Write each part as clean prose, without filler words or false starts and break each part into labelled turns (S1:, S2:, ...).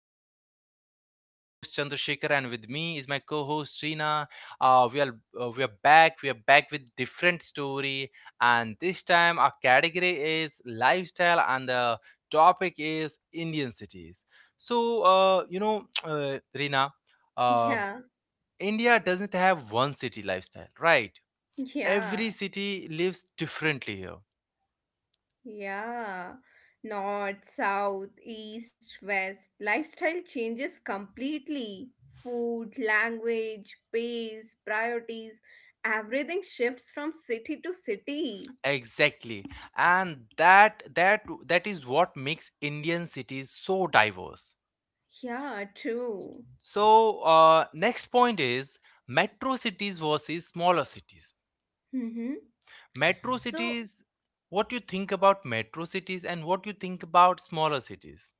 S1: episode. I'm your host Chandrasekhar, and with me is my co-host Reena. Uh, we are we are back. We are back with different story, and this time our category is lifestyle, and the topic is Indian cities. So Reena, uh,
S2: Yeah,
S1: India doesn't have one city lifestyle, right? Every
S2: yeah,
S1: city lives differently here.
S2: yeah. North, south, east, west. Lifestyle changes completely. Food, language, pace, priorities, everything shifts from city to city.
S1: Exactly. And that that is what makes Indian cities so diverse.
S2: Yeah, true.
S1: So next point is metro cities versus smaller cities.
S2: Mm-hmm.
S1: Metro
S2: So,
S1: cities, what you think about metro cities and what you think about smaller cities?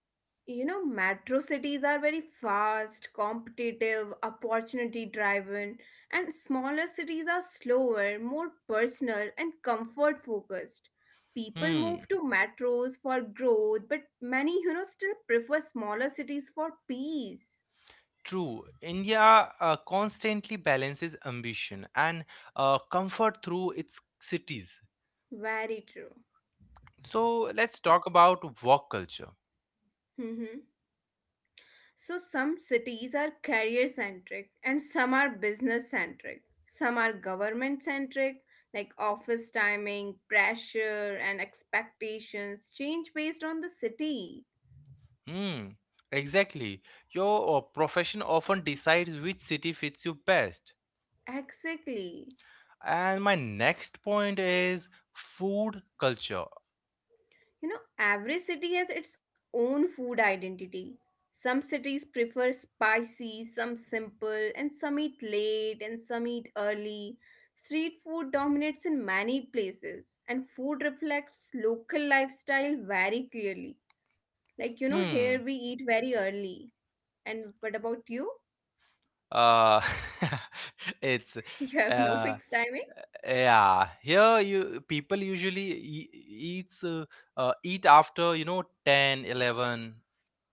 S2: Metro cities are very fast, competitive, opportunity driven, and smaller cities are slower, more personal, and comfort focused. People
S1: Hmm.
S2: move to metros for growth, but many, still prefer smaller cities for peace.
S1: True. India constantly balances ambition and comfort through its cities.
S2: Very true.
S1: So let's talk about work culture.
S2: So some cities are career centric and some are business centric. Some are government centric, like office timing, pressure, and expectations change based on the city.
S1: Hmm, exactly. Your profession often decides which city fits you best.
S2: Exactly.
S1: And my next point is food culture.
S2: Every city has its own food identity. Some cities prefer spicy, some simple, and some eat late and some eat early. Street food dominates in many places, and food reflects local lifestyle very clearly. Like, here we
S1: Hmm.
S2: eat very early. And what about you?
S1: Uh, it's
S2: You have no
S1: uh
S2: fixed timing?
S1: yeah. Here you people usually eats uh, eat after 10, 11.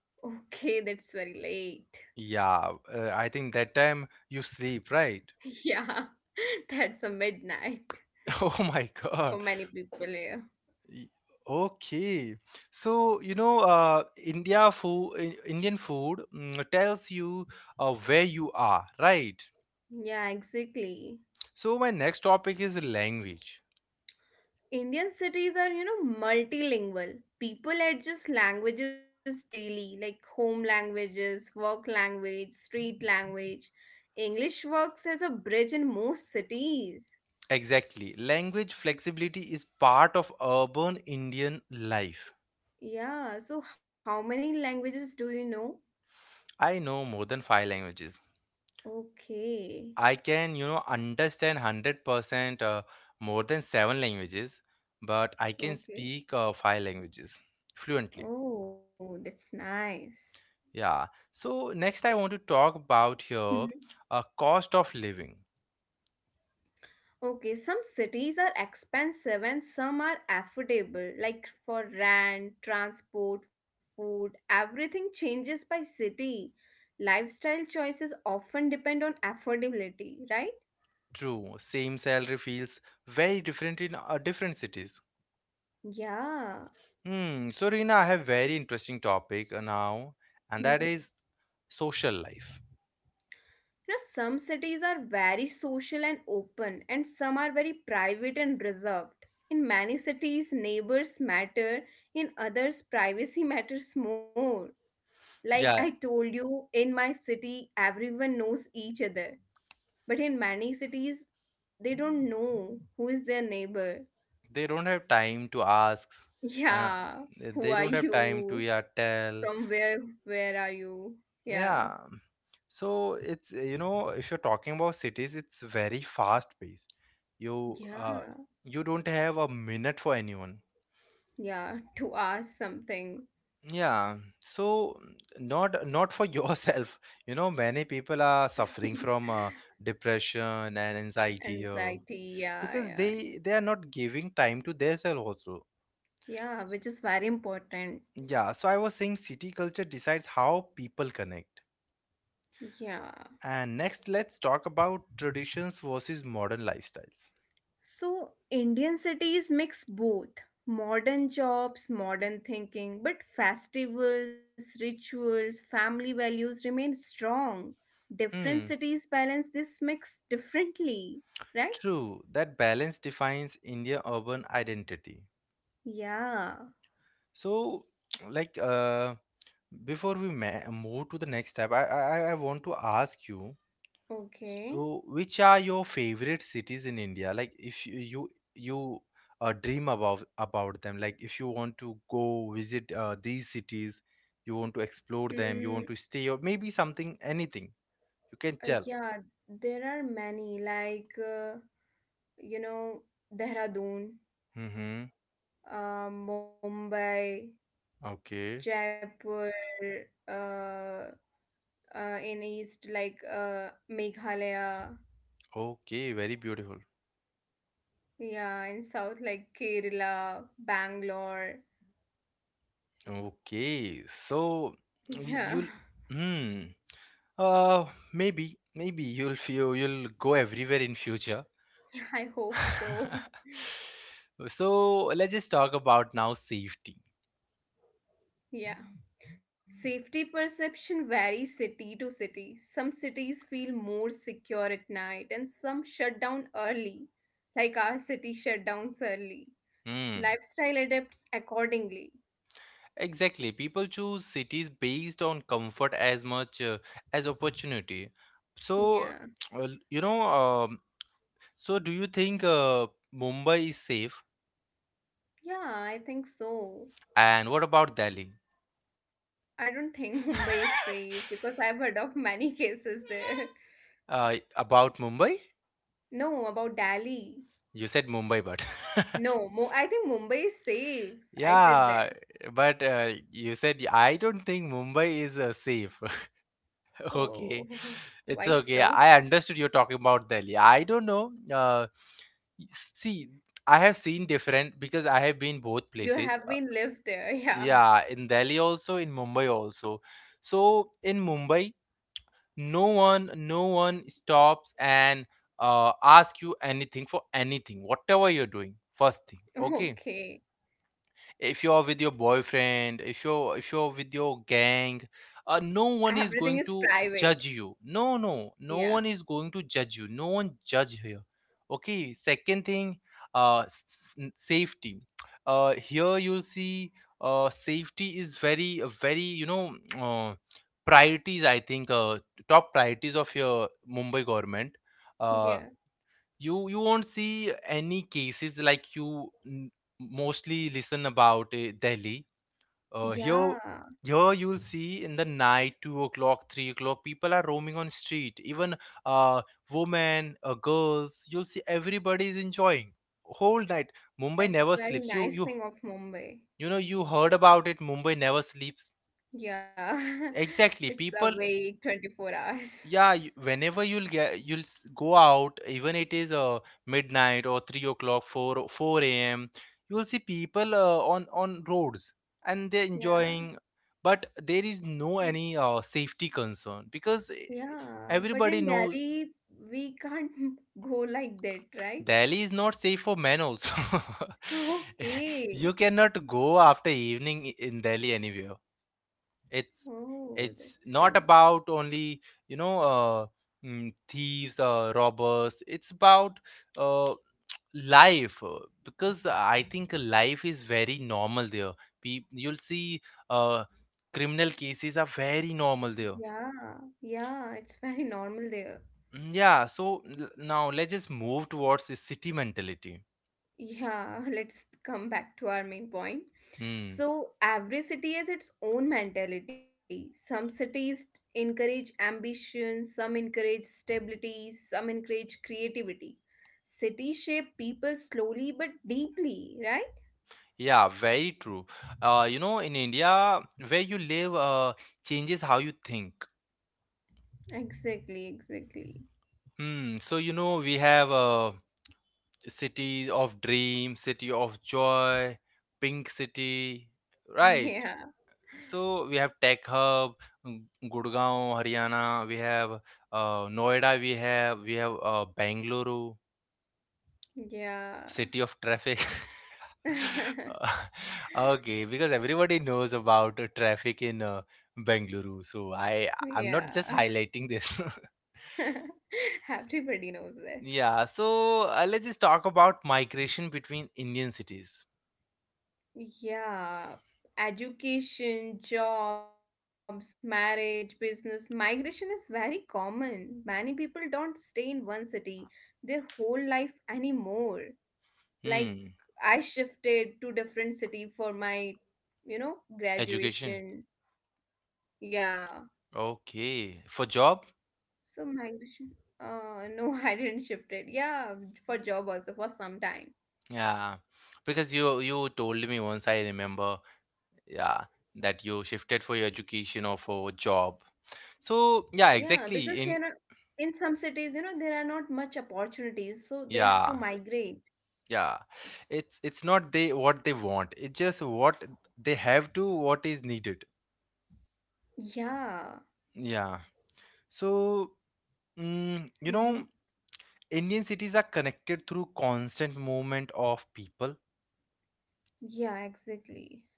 S2: Okay, that's very late.
S1: Yeah, I think that time you sleep, right?
S2: Yeah, that's a midnight
S1: Oh my God.
S2: for many people here.
S1: Y- Okay. So, Indian food tells you where you are, right?
S2: Yeah, exactly.
S1: So, my next topic is language.
S2: Indian cities are, multilingual. People adjust languages daily, like home languages, work language, street language. English works as a bridge in most cities.
S1: Exactly. Language flexibility is part of urban Indian life.
S2: Yeah, so how many languages do you know?
S1: I know more than five languages.
S2: Okay.
S1: I can understand 100% more than seven languages, but I can
S2: Okay.
S1: speak five languages fluently.
S2: Oh, that's nice.
S1: Yeah. So next, I want to talk about
S2: Mhm.
S1: here cost of living.
S2: Okay, some cities are expensive and some are affordable, like for rent, transport, food, everything changes by city. Lifestyle choices often depend on affordability, right?
S1: True, same salary feels very different in different cities.
S2: Yeah.
S1: Hmm. So Rina, I have very interesting topic now, and
S2: Hmm.
S1: that is social life.
S2: Some cities are very social and open, and some are very private and reserved. In many cities, neighbors matter, in others, privacy matters more. Like I
S1: Yeah,
S2: told you, in my city, everyone knows each other. But in many cities, they don't know who is their neighbor.
S1: they don't have time to ask. Uh,
S2: Yeah, who
S1: they
S2: are
S1: don't have time to
S2: you?
S1: yeah
S2: From
S1: tell.
S2: where are you? Yeah.
S1: Yeah. So it's you know if you're talking about cities, it's very fast paced. You
S2: Yeah.
S1: uh you don't have a minute for anyone.
S2: Yeah, to ask something.
S1: Yeah, so not for yourself. You know, many people are suffering from depression and anxiety here
S2: Anxiety, yeah,
S1: because
S2: yeah.
S1: they are not giving time to themselves also.
S2: Yeah,
S1: S-
S2: which is very important.
S1: Yeah, so I was saying city culture decides how people connect.
S2: Yeah.
S1: And next, let's talk about traditions versus modern lifestyles.
S2: So, Indian cities mix both modern jobs, modern thinking, but festivals, rituals, family values remain strong. Different
S1: Hmm,
S2: cities balance this mix differently, right?
S1: true. That balance defines India urban identity.
S2: Yeah,
S1: So, like, uh, Before we move to the next step, I want to ask you.
S2: okay.
S1: So, which are your favorite cities in India? Like, if you dream about them, like if you want to go visit these cities, you want to explore
S2: Mm,
S1: them, you want to stay, or maybe something, anything you can tell.
S2: yeah, there are many, like, you know, Dehradun,
S1: Mm-hmm.
S2: Mumbai,
S1: Okay.
S2: Jaipur, uh, in east like Meghalaya,
S1: Okay. Very beautiful.
S2: yeah, in south like Kerala, Bangalore.
S1: Okay. So y-
S2: Yeah,
S1: you'll. Hmm. Uh, maybe you'll feel you'll go everywhere in future.
S2: I hope so.
S1: So let's just talk about now safety.
S2: Yeah. Safety perception varies city to city. Some cities feel more secure at night and some shut down early, like our city shut down early.
S1: Hmm.
S2: Lifestyle adapts accordingly.
S1: Exactly. People choose cities based on comfort as much as opportunity. So,
S2: Yeah.
S1: well, so do you think Mumbai is safe?
S2: Yeah, I think so.
S1: And what about Delhi?
S2: I don't think Mumbai is safe because I've heard of many cases there.
S1: About Mumbai?
S2: No, about Delhi.
S1: You said Mumbai, but
S2: No, Mo I think Mumbai is safe. I said that.
S1: yeah, but you said I don't think Mumbai is safe.
S2: Oh,
S1: Okay,
S2: why
S1: it's okay.
S2: so?
S1: I understood you're talking about Delhi. I don't know. See, I have seen different because I have been both
S2: You
S1: places.
S2: have been lived there, yeah.
S1: Yeah, in Delhi also, in Mumbai also. So in Mumbai, no one stops and ask you anything for anything, whatever you're doing. First thing, okay
S2: Okay.
S1: if you're with your boyfriend if you're with your gang, no one
S2: Everything
S1: is
S2: is
S1: going to
S2: private.
S1: judge you, no
S2: Yeah.
S1: one is going to judge you, no one judge here. Okay, second thing, safety, here you see safety is very very uh, priorities, I think, top priorities of your Mumbai government. Uh
S2: Yeah.
S1: you you won't see any cases like mostly listen about Delhi. Here
S2: Yeah.
S1: you'll see in the night 2 o'clock 3 o'clock people are roaming on street, even uh women girls, you'll see everybody is enjoying whole night. Mumbai
S2: That's
S1: never
S2: very
S1: sleeps.
S2: nice thing of Mumbai.
S1: You know you heard about it, Mumbai never sleeps,
S2: Yeah. It's
S1: exactly. people
S2: awake 24 hours.
S1: Yeah, whenever go out, even it is midnight or 3 o'clock, four a.m. You will see people on roads and they're
S2: Yeah.
S1: enjoying, but there is
S2: But
S1: no any safety concern because
S2: yeah, but
S1: everybody
S2: in
S1: knows.
S2: Delhi we can't go like that, right?
S1: Delhi is not safe for men also. You
S2: Okay.
S1: cannot go after evening in Delhi anywhere. It's
S2: Oh, that's
S1: not
S2: strange.
S1: about only you know uh, thieves, robbers. It's about uh, life, because I think life is very normal there. You'll see uh, criminal cases are very normal there.
S2: Yeah, yeah, it's very normal there.
S1: Yeah, so now let's just move towards the city mentality.
S2: Yeah, let's come back to our main point.
S1: Hmm,
S2: So, every city has its own mentality. Some cities encourage ambition, some encourage stability, some encourage creativity. Cities shape people slowly but deeply, right?
S1: yeah, very true. You know, in India where you live changes how you think.
S2: Exactly, exactly.
S1: Hmm. So you know we have City of Dreams, City of Joy, Pink City, right?
S2: Yeah,
S1: So we have Tech Hub, Gurgaon, Haryana. We have Noida. We have Bangalore,
S2: yeah,
S1: City of Traffic. Uh, okay, because everybody knows about traffic in Bangalore, so I'm
S2: yeah.
S1: not just highlighting this.
S2: Everybody knows that.
S1: Yeah, so let's just talk about migration between Indian cities.
S2: Yeah, education, jobs, marriage, business, migration is very common. Many people don't stay in one city their whole life anymore. Like
S1: Hmm.
S2: I shifted to different city for my,
S1: Education.
S2: graduation. Yeah.
S1: Okay. For job?
S2: So migration. No, I didn't shift it. Yeah, for job also for some time.
S1: Yeah. Because you told me once, I remember, yeah, that you shifted for your education or for job. So yeah,
S2: Yeah, because
S1: exactly. In
S2: here in some cities, there are not much opportunities, so they have to
S1: yeah,
S2: migrate.
S1: yeah. It's not they what they want. It's just what they have to, what is needed.
S2: Yeah.
S1: Yeah. So you
S2: Hmm.
S1: know, Indian cities are connected through constant movement of people.
S2: Yeah, exactly.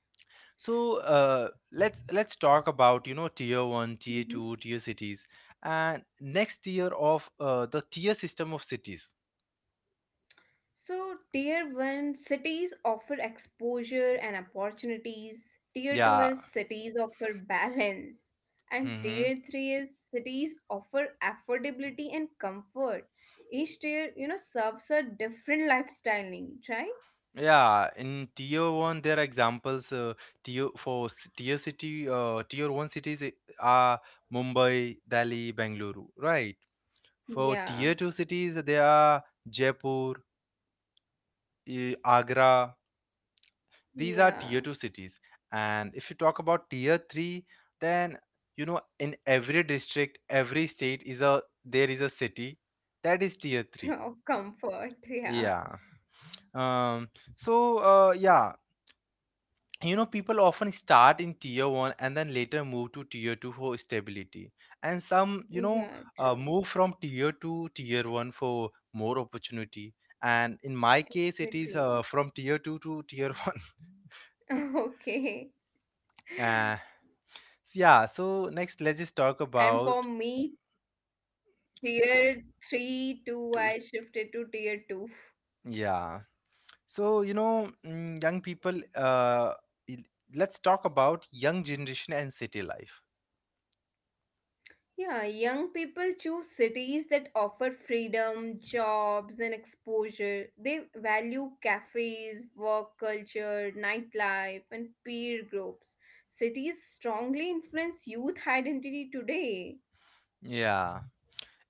S1: So let's talk about you know tier one,
S2: Hmm.
S1: tier two, tier cities, and next tier of the tier system of cities.
S2: So, tier one cities offer exposure and opportunities. Tier two
S1: Yeah.
S2: is cities offer balance. And
S1: Mm-hmm.
S2: tier three is cities offer affordability and comfort. Each tier, serves a different lifestyle need, right?
S1: Yeah, in tier one, there are examples. Tier city, tier one cities are Mumbai, Delhi, Bengaluru, right? For tier
S2: Yeah.
S1: two cities, there are Jaipur, Agra. These are tier
S2: Yeah.
S1: 2 cities. And if you talk about tier 3, then you know in every district, every state is a there is a city that is tier 3.
S2: Of comfort. Yeah.
S1: Yeah. So yeah, you know people often start in tier 1 and then later move to tier 2 for stability, and some you know
S2: Yeah,
S1: move from
S2: true.
S1: tier 2 tier 1 for more opportunity. And in my case it is from tier 2
S2: Exactly.
S1: to tier 1.
S2: Okay.
S1: Yeah, so next let's just talk about
S2: And for me,
S1: f-
S2: tier 3 to
S1: to
S2: I shifted to tier 2.
S1: yeah. So, you know, young people il- let's talk about young generation and city life.
S2: Yeah, young people choose cities that offer freedom, jobs, and exposure. They value cafes, work culture, nightlife, and peer groups. Cities strongly influence youth identity today.
S1: Yeah.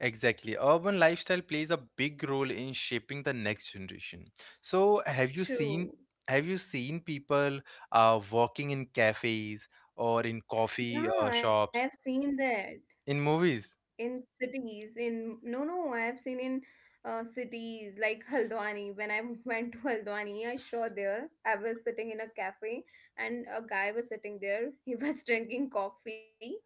S1: Exactly. Urban lifestyle plays a big role in shaping the next generation. So have you seen,
S2: True.
S1: people walking in cafes or in coffee
S2: Yeah, I have
S1: shops
S2: seen that.
S1: in movies?
S2: In cities in No, no, I have seen in cities like Haldwani when I went to Haldwani. I saw
S1: S-
S2: there, I was sitting in a cafe and a guy was sitting there. He was drinking coffee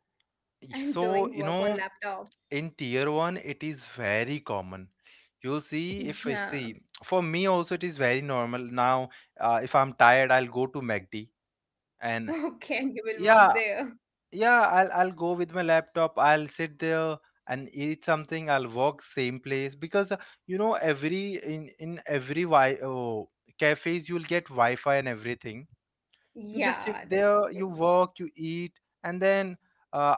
S2: and
S1: So
S2: doing
S1: you
S2: work
S1: know
S2: on laptop.
S1: in tier one it is very common. You'll see, if I
S2: Yeah.
S1: see, for me also it is very normal now. If I'm tired, I'll go to MACD and
S2: Okay, and you will
S1: yeah,
S2: work there.
S1: yeah, I'll go with my laptop. I'll sit there and eat something. I'll walk same place because you know every in every cafes you'll get Wi-Fi and everything. You just sit
S2: Yeah, that's
S1: there, you
S2: true.
S1: walk, you eat, and then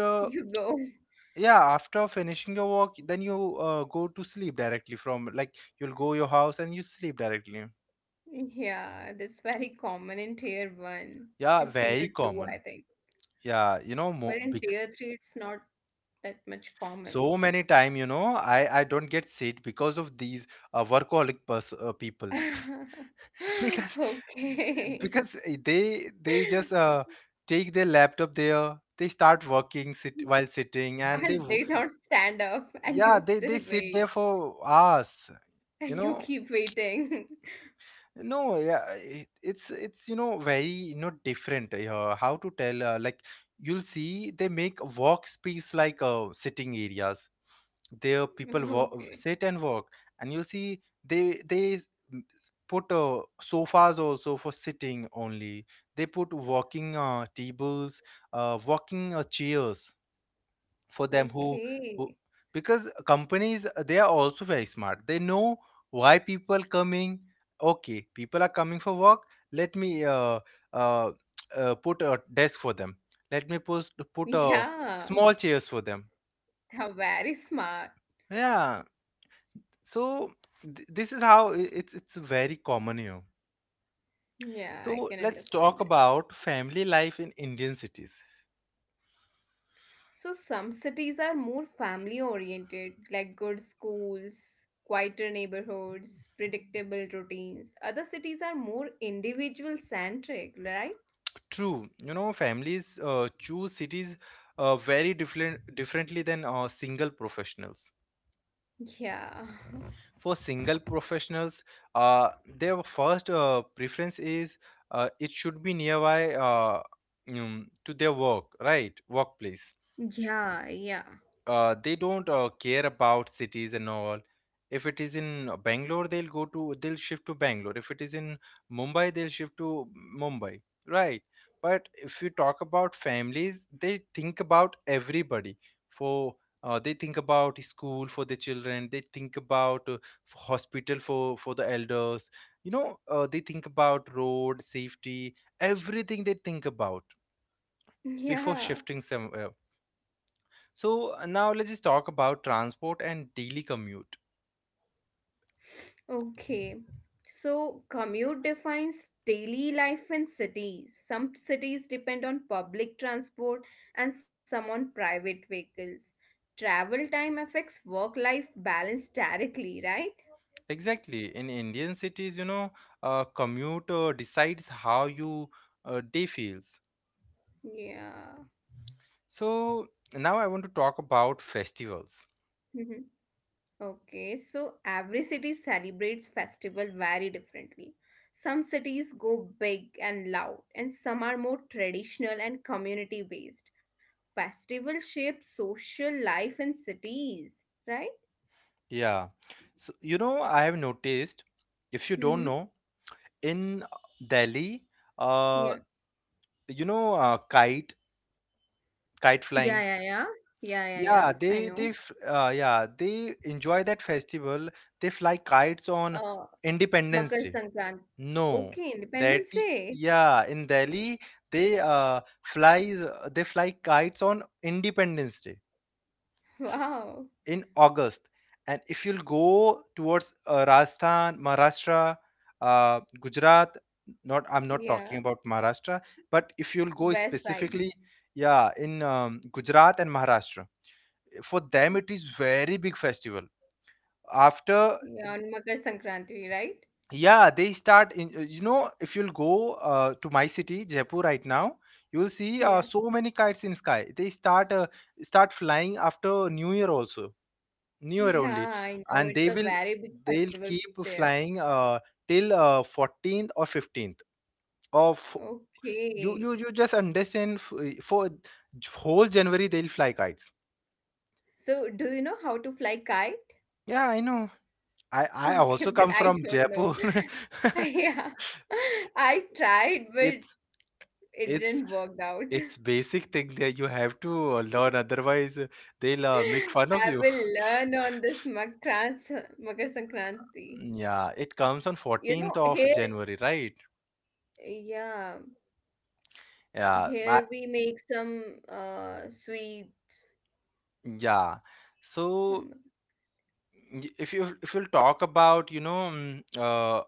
S2: You go.
S1: yeah after finishing your work, then you go to sleep directly from like you'll go your house and you sleep directly.
S2: Yeah, that's very common in tier 1
S1: Yeah,
S2: and
S1: very
S2: tier
S1: common.
S2: 2 I think,
S1: Yeah, you know
S2: but
S1: mo
S2: in tier 3 it's not that much common.
S1: so many time you know I don't get sick because of these people because because
S2: Okay.
S1: they just take their laptop there, they start working, sit while sitting,
S2: And they don't stand up, and
S1: yeah
S2: you
S1: they
S2: still
S1: sit there
S2: wait,
S1: for hours, you know.
S2: and you keep waiting.
S1: No Yeah, it's you know very you know different. How to tell like you'll see they make walk space like sitting areas, there people walk, sit
S2: Okay.
S1: and work, and you'll see they s- m- s- put sofas also for sitting only. They put walking tables, walking chairs for them who who
S2: Okay.
S1: because companies, they are also very smart, they know why people coming. Okay, people are coming for work. Let me uh, put a desk for them, let me put a
S2: Yeah.
S1: small chairs for them.
S2: They're very smart.
S1: Yeah, so this is how it's very common here. So
S2: Yeah, I
S1: let's
S2: can
S1: talk
S2: understand it.
S1: about family life in Indian cities.
S2: So some cities are more family oriented, like good schools, quieter neighborhoods, predictable routines. Other cities are more individual centric, right?
S1: True, you know, families choose cities very different differently than single professionals.
S2: Yeah.
S1: For single professionals, their first preference is it should be nearby to their work, right? Workplace.
S2: Yeah, yeah.
S1: They don't care about cities and all. If it is in Bangalore, they'll shift to Bangalore. If it is in Mumbai, they'll shift to Mumbai, right? But if you talk about families, they think about everybody. For they think about school for the children. They think about hospital for the elders. They think about road safety, everything they think about before
S2: Yeah,
S1: shifting somewhere. So now let's just talk about transport and daily commute.
S2: okay. So commute defines daily life in cities. Some cities depend on public transport and some on private vehicles. Travel time affects work life balance directly, right?
S1: Exactly. In Indian cities, commute decides how you day feels.
S2: Yeah.
S1: So now I want to talk about festivals.
S2: Okay, so every city celebrates festival very differently. Some cities go big and loud, and some are more traditional and community based. Festival shape social life in cities, right?
S1: Yeah. So I have noticed, if you don't
S2: Mm-hmm.
S1: know, in Delhi, uh,
S2: Yeah.
S1: you know, uh, kite kite
S2: Yeah,
S1: flying.
S2: yeah, yeah. Yeah, yeah, yeah.
S1: Yeah,
S2: I know.
S1: yeah they enjoy that festival. They fly kites on
S2: Uh,
S1: Independence
S2: Makar
S1: Day.
S2: Sankranti.
S1: No,
S2: Okay,
S1: that
S2: Independence Day.
S1: yeah, in Delhi they flies they fly kites on Independence Day
S2: Wow.
S1: in August. And if you'll go towards Rajasthan, Maharashtra, Gujarat, not I'm not talking
S2: Yeah.
S1: about Maharashtra, but if you'll go
S2: West side.
S1: specifically, yeah, in Gujarat and Maharashtra, for them it is very big festival. After
S2: Yeah, on Makar Sankranti, right?
S1: yeah they start in you know if you'll go to my city Jaipur right now you will see
S2: Yeah.
S1: so many kites in sky. They start start flying after new year also, new year
S2: Yeah,
S1: only,
S2: I know it's a
S1: and they will
S2: very big festival
S1: they'll keep
S2: there.
S1: flying till 14th or 15th of, you
S2: Okay.
S1: you just understand for whole January they'll fly kites.
S2: So, do you know how to fly kite?
S1: Yeah, I know. I
S2: Okay,
S1: also
S2: but
S1: come
S2: I
S1: from
S2: don't know.
S1: Jaipur.
S2: Yeah. I tried, but
S1: it's
S2: it
S1: It's
S2: didn't work out.
S1: it's basic thing that you have to learn, otherwise they'll make fun of
S2: I
S1: you.
S2: will learn on this Makrans Makar Sankranti.
S1: Yeah, it comes on
S2: You know,
S1: 14th of
S2: here,
S1: January, right?
S2: yeah,
S1: Yeah, but
S2: here we make some sweets
S1: yeah.
S2: on
S1: So
S2: Mak-
S1: if you if you'll talk about,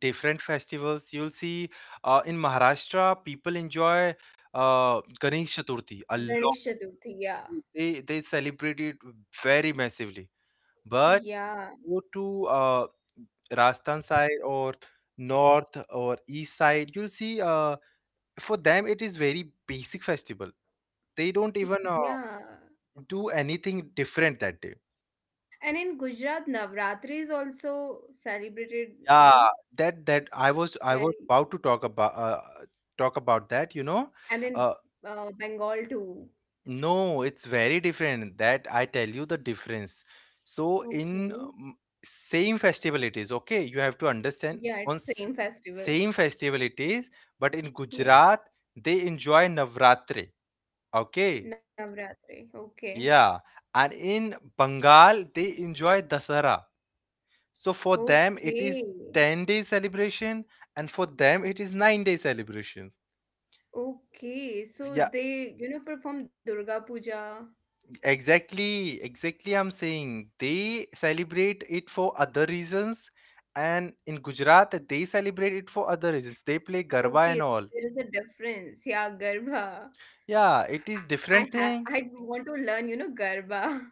S1: different festivals, you'll see in Maharashtra people enjoy Ganesh Chaturthi a lot.
S2: Ganesh Chaturthi. Yeah,
S1: They celebrate it very massively. But
S2: yeah,
S1: go to Rajasthan side or north or east side, you'll see for them it is very basic festival. They don't even
S2: yeah.
S1: do anything different that day.
S2: And in Gujarat, Navratri is also celebrated,
S1: Yeah, that I was
S2: very,
S1: about to talk about that.
S2: and in
S1: Uh,
S2: Bengal too.
S1: No, it's very different. That I tell you the difference. So in
S2: Okay.
S1: same festival it is okay. You have to understand
S2: Yeah,
S1: on
S2: it's same festival.
S1: same festival it is, but in
S2: Yeah,
S1: Gujarat they enjoy Navratri. Okay,
S2: Navratri. Okay.
S1: yeah, and in Bengal they enjoy Dasara. So for them it is
S2: Okay.
S1: 10 day celebration, and for them it is 9 day celebrations.
S2: Okay. So
S1: Yeah,
S2: they, perform Durga Puja.
S1: exactly, exactly. I'm saying they celebrate it for other reasons, and in Gujarat they celebrate it for other reasons. They play garba and
S2: Okay,
S1: all.
S2: there is a difference. Yeah, Garba.
S1: Yeah, it is different
S2: I
S1: thing.
S2: want to learn, Garba.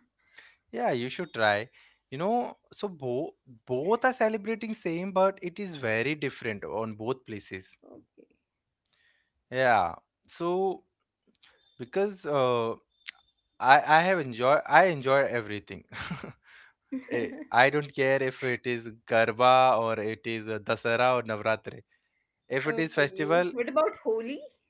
S1: Yeah, you should try. You know, so both both are celebrating same, but it is very different on both places.
S2: Okay.
S1: Yeah. So because I enjoy everything. Eh, I don't care if it is garba or it is Dasara or Navratri. If it is
S2: Okay.
S1: festival,
S2: What about Holi?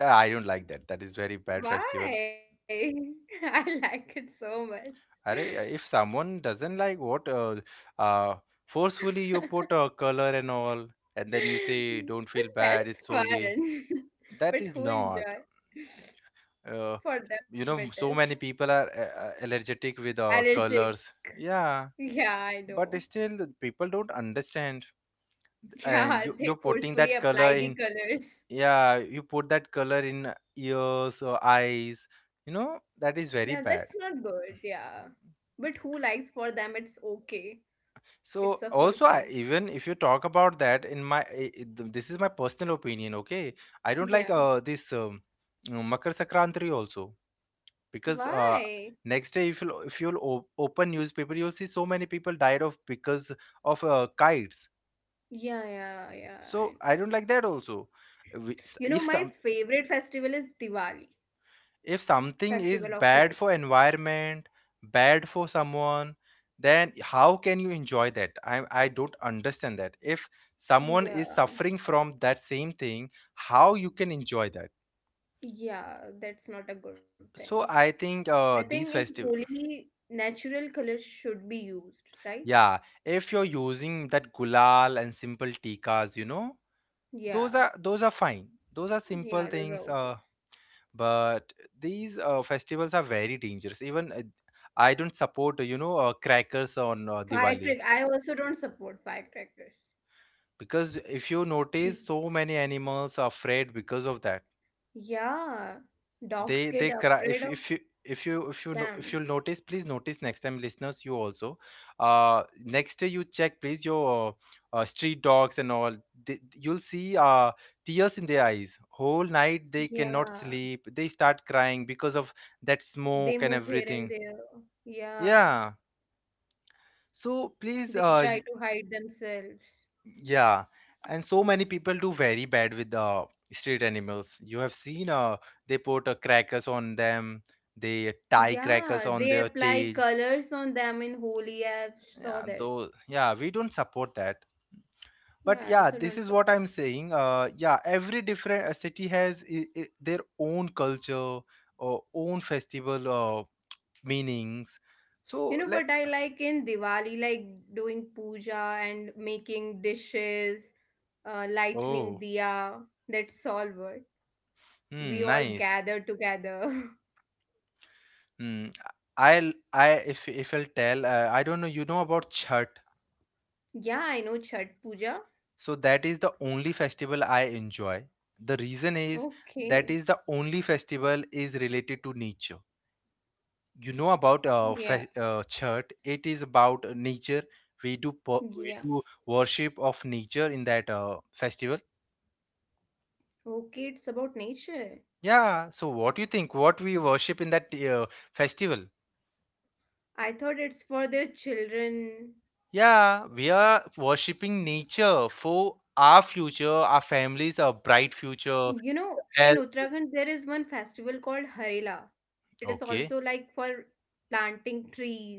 S1: I don't like that. That is very bad festival.
S2: Why? I like it so much.
S1: Are if someone doesn't like what uh forcefully you put a color and all, and then you say don't feel
S2: But
S1: bad. It's
S2: that's
S1: solely
S2: fun.
S1: that is
S2: But who
S1: not.
S2: enjoy?
S1: Uh,
S2: For
S1: you
S2: them
S1: know,
S2: it
S1: so
S2: is.
S1: many people are allergic with
S2: Allergic.
S1: colors. Yeah,
S2: Yeah, I
S1: but
S2: know.
S1: still the people don't understand. And
S2: Yeah,
S1: you're
S2: they
S1: putting that
S2: forcefully
S1: color in.
S2: apply the colors.
S1: Yeah, you put that color in ears or eyes. You know that is
S2: Yeah,
S1: very
S2: that's
S1: bad.
S2: not good. Yeah. But who likes for them it's okay.
S1: So
S2: It's a
S1: also,
S2: full
S1: I,
S2: fun.
S1: even if you talk about that, in my this is my personal opinion. Okay, I don't like
S2: Yeah.
S1: this Makar Sankranti also because
S2: Why?
S1: next day if you if you'll open newspaper, you'll see so many people died of because of kites.
S2: Yeah, yeah, yeah. I
S1: So
S2: understand.
S1: I don't like that also. If some
S2: My favorite festival is Diwali,
S1: if something
S2: Festival
S1: is
S2: of
S1: bad
S2: Lights.
S1: for environment, bad for someone, then how can you enjoy that? I don't understand that if someone is
S2: Yeah,
S1: suffering from that same thing, how you can enjoy that.
S2: yeah, that's not a good thing.
S1: So I think
S2: I
S1: these
S2: think in
S1: festive
S2: Holi, natural colors should be used, right?
S1: yeah, if you're using that gulal and simple tikas, you know,
S2: Yeah,
S1: those are fine. Those are simple
S2: yeah,
S1: things,
S2: those are okay.
S1: but these festivals are very dangerous. Even I don't support, you know, crackers on Diwali,
S2: I also don't support firecrackers.
S1: because if you notice so many animals are afraid because of that.
S2: Yeah,
S1: They
S2: dogs get
S1: cry.
S2: afraid of
S1: If you
S2: them.
S1: if you'll notice, please notice next time listeners, you also uh next day you check please your street dogs and all. They, you'll see tears in their eyes. Whole night they cannot
S2: Yeah,
S1: sleep. They start crying because of that
S2: they
S1: smoke and
S2: move here and
S1: everything.
S2: there. Yeah,
S1: Yeah, so please
S2: they try to hide themselves.
S1: yeah, and so many people do very bad with the street animals. You have seen they put crackers on them, they tie crackers
S2: Yeah,
S1: on
S2: they
S1: their
S2: apply
S1: tail.
S2: colors on them in Holi. I saw
S1: Yeah,
S2: that.
S1: though, yeah, we don't support that. But
S2: Yeah,
S1: yeah,
S2: I also
S1: this is
S2: don't
S1: what I'm
S2: support.
S1: saying. Yeah, every different city has their own culture or own festival meanings.
S2: You
S1: So
S2: know
S1: let
S2: what I like in Diwali? Like doing puja and making dishes, lightning
S1: oh,
S2: diya. That's all what we
S1: hmm,
S2: all
S1: nice.
S2: gather together.
S1: Hmm, I'll I if I'll tell I don't know you know about Chhat.
S2: Yeah, I know Chhat Puja.
S1: So that is the only festival I enjoy. The reason is that
S2: Okay.
S1: is the only festival is related to nature. You know about
S2: Yeah.
S1: church. It is about nature. We
S2: Yeah.
S1: do worship of nature in that festival.
S2: Okay, it's about nature.
S1: Yeah. So what do you think? What we worship in that festival?
S2: I thought it's for the children.
S1: Yeah, we are worshiping nature for our future, our families, our bright future.
S2: You know,
S1: Health.
S2: in Uttarakhand, there is one festival called Harela. It is also
S1: Okay.
S2: like for planting trees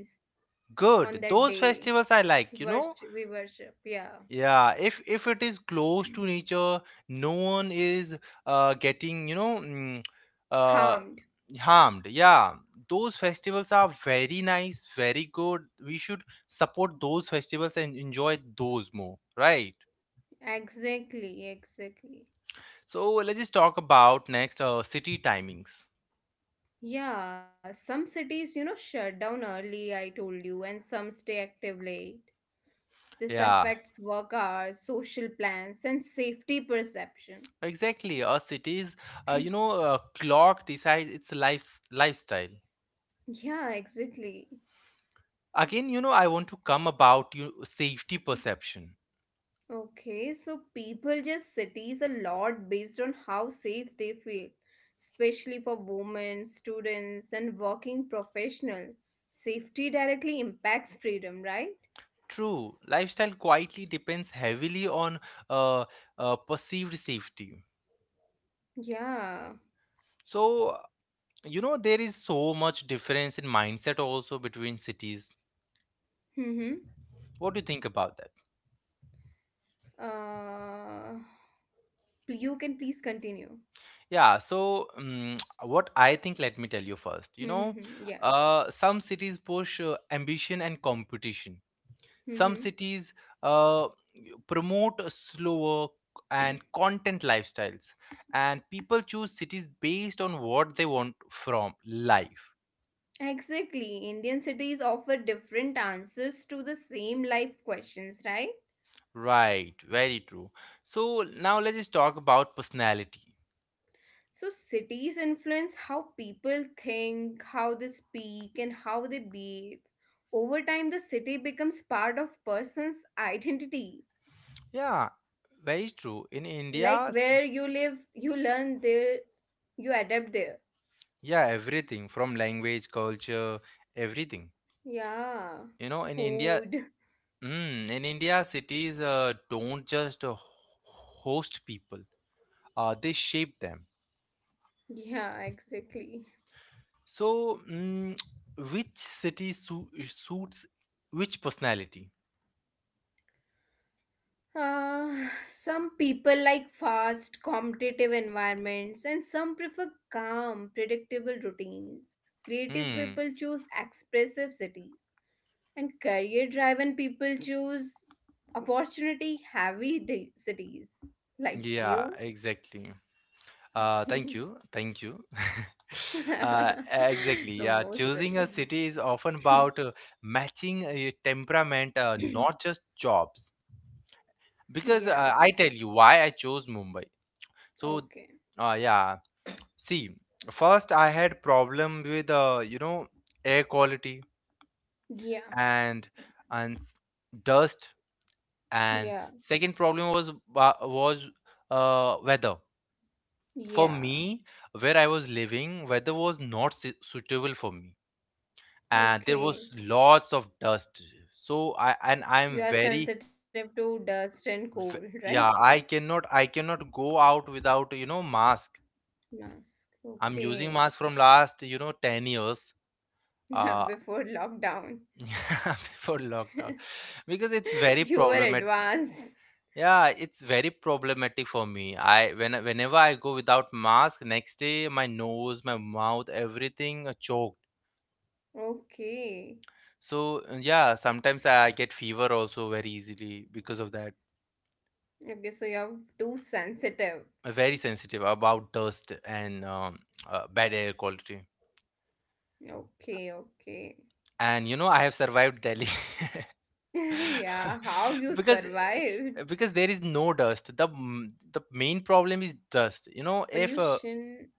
S2: on
S1: Good.
S2: that
S1: Those
S2: day.
S1: festivals I like. You know
S2: Worship, we worship, yeah.
S1: yeah, if it is close to nature, no one is getting, uh,
S2: Harmed,
S1: harmed. Yeah, those festivals are very nice, very good. We should support those festivals and enjoy those more, right?
S2: exactly, exactly.
S1: So let's just talk about next city timings.
S2: Yeah, some cities, shut down early, I told you, and some stay active late. This
S1: Yeah,
S2: affects work hours, social plans, and safety perception.
S1: exactly. A city's clock decides its lifestyle.
S2: Yeah, exactly.
S1: Again, you know, I want to come about you safety perception.
S2: Okay, so people just cities a lot based on how safe they feel, especially for women, students, and working professional. Safety directly impacts freedom, right?
S1: True, lifestyle quietly depends heavily on uh, perceived safety.
S2: Yeah.
S1: So, you know, there is so much difference in mindset also between cities.
S2: Mm-hmm.
S1: What do you think about that?
S2: Uh, you can please continue.
S1: Yeah, so what I think, let me tell you first. You know,
S2: Yeah.
S1: some cities push ambition and competition,
S2: Hmm,
S1: some
S2: hmm.
S1: cities uh, promote a slower and content lifestyles, and people choose cities based on what they want from life.
S2: Exactly. Indian cities offer different answers to the same life questions, right?
S1: Right, very true. So now let's talk about personality.
S2: So, cities influence how people think, how they speak, and how they behave. Over time, the city becomes part of person's identity.
S1: Yeah, very true. In
S2: Like
S1: India,
S2: where you live, you learn there, you adapt there.
S1: yeah, everything from language, culture, everything.
S2: Yeah.
S1: You know, in India,
S2: Food.
S1: in India, cities don't just host people; they shape them.
S2: Yeah, exactly.
S1: So, mm, which city suits which personality?
S2: Uh, some people like fast, competitive environments, and some prefer calm, predictable routines. Creative people
S1: Hmm.
S2: choose expressive cities, and career driven people choose opportunity heavy cities, like
S1: Yeah,
S2: you.
S1: exactly. Thank
S2: The
S1: you, thank you. Exactly. Yeah,
S2: most
S1: choosing a
S2: welcome.
S1: city is often about matching a temperament, not just jobs. Because
S2: Yeah,
S1: I tell you why I chose Mumbai. So,
S2: okay.
S1: yeah. See, first I had problem with you know air quality,
S2: Yeah,
S1: and and s- dust, and
S2: yeah,
S1: second problem was was weather. For
S2: yeah,
S1: me, where I was living, weather was not suitable for me, and there
S2: okay.
S1: was lots of dust. So I and I'm
S2: You are
S1: very,
S2: sensitive to dust and cold,
S1: v-
S2: right?
S1: yeah, I cannot go out without you know mask.
S2: Mask.
S1: I'm using
S2: Okay.
S1: mask from last you know 10 years, uh,
S2: Before lockdown.
S1: before lockdown, because it's very
S2: You were
S1: problematic.
S2: advanced.
S1: Yeah, it's very problematic for me. Whenever I go without mask, next day my nose, my mouth, everything choked.
S2: Okay.
S1: So yeah, sometimes I get fever also very easily because of that.
S2: Okay, so you're too sensitive.
S1: I'm very sensitive about dust and bad air quality.
S2: Okay, okay.
S1: And you know, I have survived Delhi.
S2: Yeah, how you
S1: Because
S2: survived
S1: because there is no dust. The main problem is dust. You know, if
S2: pollution.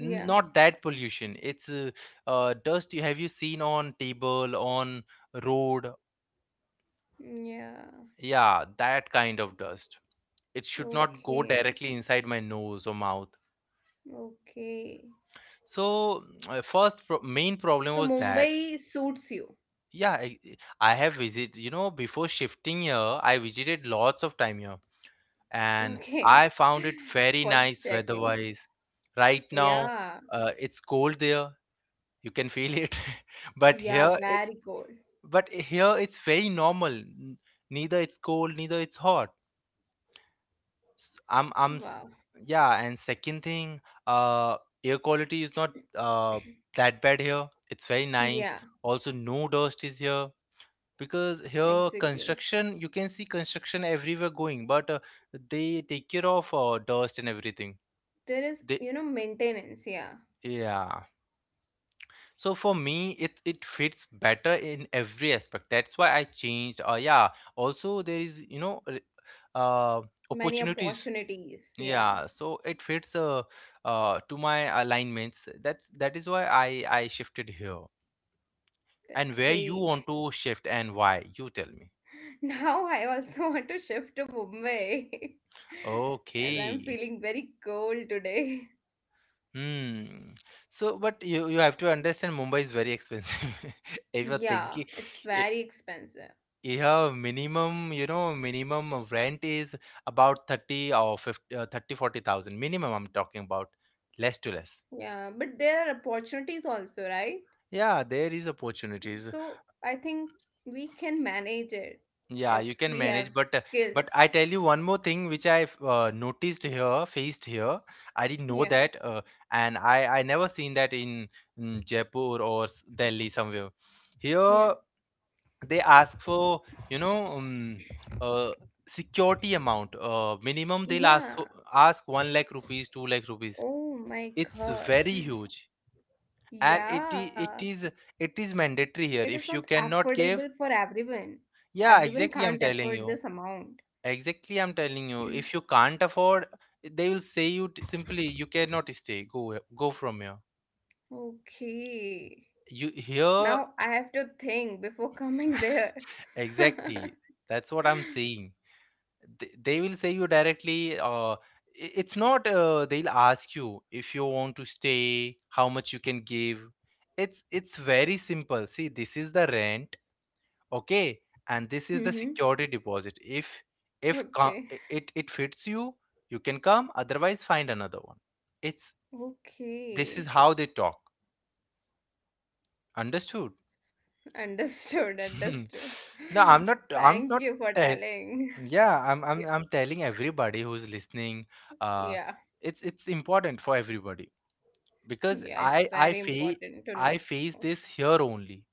S2: Yeah,
S1: not that pollution, it's dust. You have you seen on table on road?
S2: yeah.
S1: Yeah, that kind of dust. It should not go
S2: Okay,
S1: directly
S2: okay,
S1: inside my nose or mouth.
S2: okay.
S1: So first main problem
S2: So
S1: was that.
S2: Mumbai suits you.
S1: yeah I, I have visited, you know, before shifting here I visited lots of time here, and
S2: Okay.
S1: I found it very
S2: For
S1: nice weather
S2: checking.
S1: wise. Right now
S2: Yeah,
S1: it's cold there, you can feel it, but
S2: yeah,
S1: here it's
S2: very cool.
S1: but here it's very normal. Neither it's cold neither it's hot. S- I'm I'm s-
S2: Wow.
S1: yeah, and second thing, uh, air quality is not that bad here. It's very nice.
S2: Yeah,
S1: Also, no dust is here, because here
S2: exactly.
S1: construction you can see construction everywhere going, but they take care of dust and everything.
S2: There is,
S1: They
S2: maintenance, yeah.
S1: yeah. So for me, it fits better in every aspect. That's why I changed. Yeah. Also, there is uh
S2: Many
S1: opportunities.
S2: opportunities, yeah.
S1: Yeah, so it fits to my alignments. That is why I shifted here. And
S2: That's
S1: where you want
S2: great.
S1: to shift and why, you tell me.
S2: Now I also want to shift to Mumbai as I'm
S1: Okay.
S2: feeling very cold today.
S1: Hmm. So but you have to understand, Mumbai is very expensive if you're
S2: Yeah,
S1: thinking.
S2: it's
S1: i-
S2: very expensive.
S1: yeah, minimum, minimum of rent is about 30 or 50, 30 40,000 minimum I'm talking about, less to less.
S2: Yeah, but there are opportunities also, right?
S1: Yeah, there is opportunities.
S2: So I think we can manage it
S1: Yeah,
S2: if
S1: you can
S2: we have
S1: manage, but
S2: skills.
S1: I tell you one more thing which I've noticed here, faced here. I didn't know
S2: Yeah,
S1: that, and I never seen that in, Jaipur or Delhi somewhere.
S2: yeah.
S1: Here they ask for, you know um, uh, security amount. Minimum they'll
S2: Yeah.
S1: ask 1 lakh rupees, 2 lakh rupees.
S2: Oh my
S1: It's
S2: God.
S1: very huge, and it i-
S2: Yeah.
S1: it is it is mandatory
S2: It
S1: here.
S2: is
S1: If
S2: not
S1: you cannot give,
S2: affordable for everyone.
S1: yeah,
S2: Everyone
S1: exactly. I'm
S2: can't
S1: telling
S2: afford
S1: you.
S2: this amount.
S1: Exactly, I'm telling you. If you can't afford, they will simply, you cannot stay. Go from here.
S2: Okay.
S1: You here,
S2: Now I have to think before coming there.
S1: exactly. That's what I'm saying. They will say you directly. It's not. They'll ask you, if you want to stay, how much you can give. It's very simple. See, this is the rent, okay, and this is the
S2: Mm-hmm.
S1: security deposit. If if co-
S2: Okay.
S1: i- it it fits you, you can come. Otherwise, find another one, it's this is
S2: Okay.
S1: how they talk. Understood?
S2: Understood. Understood.
S1: No, I'm not, I'm
S2: Thank
S1: not,
S2: you for
S1: te-
S2: telling.
S1: yeah, I'm I'm
S2: Yeah.
S1: I'm telling everybody who's listening, uh
S2: Yeah.
S1: it's important for everybody, because
S2: Yeah. It's very important to
S1: I
S2: know.
S1: face this here only.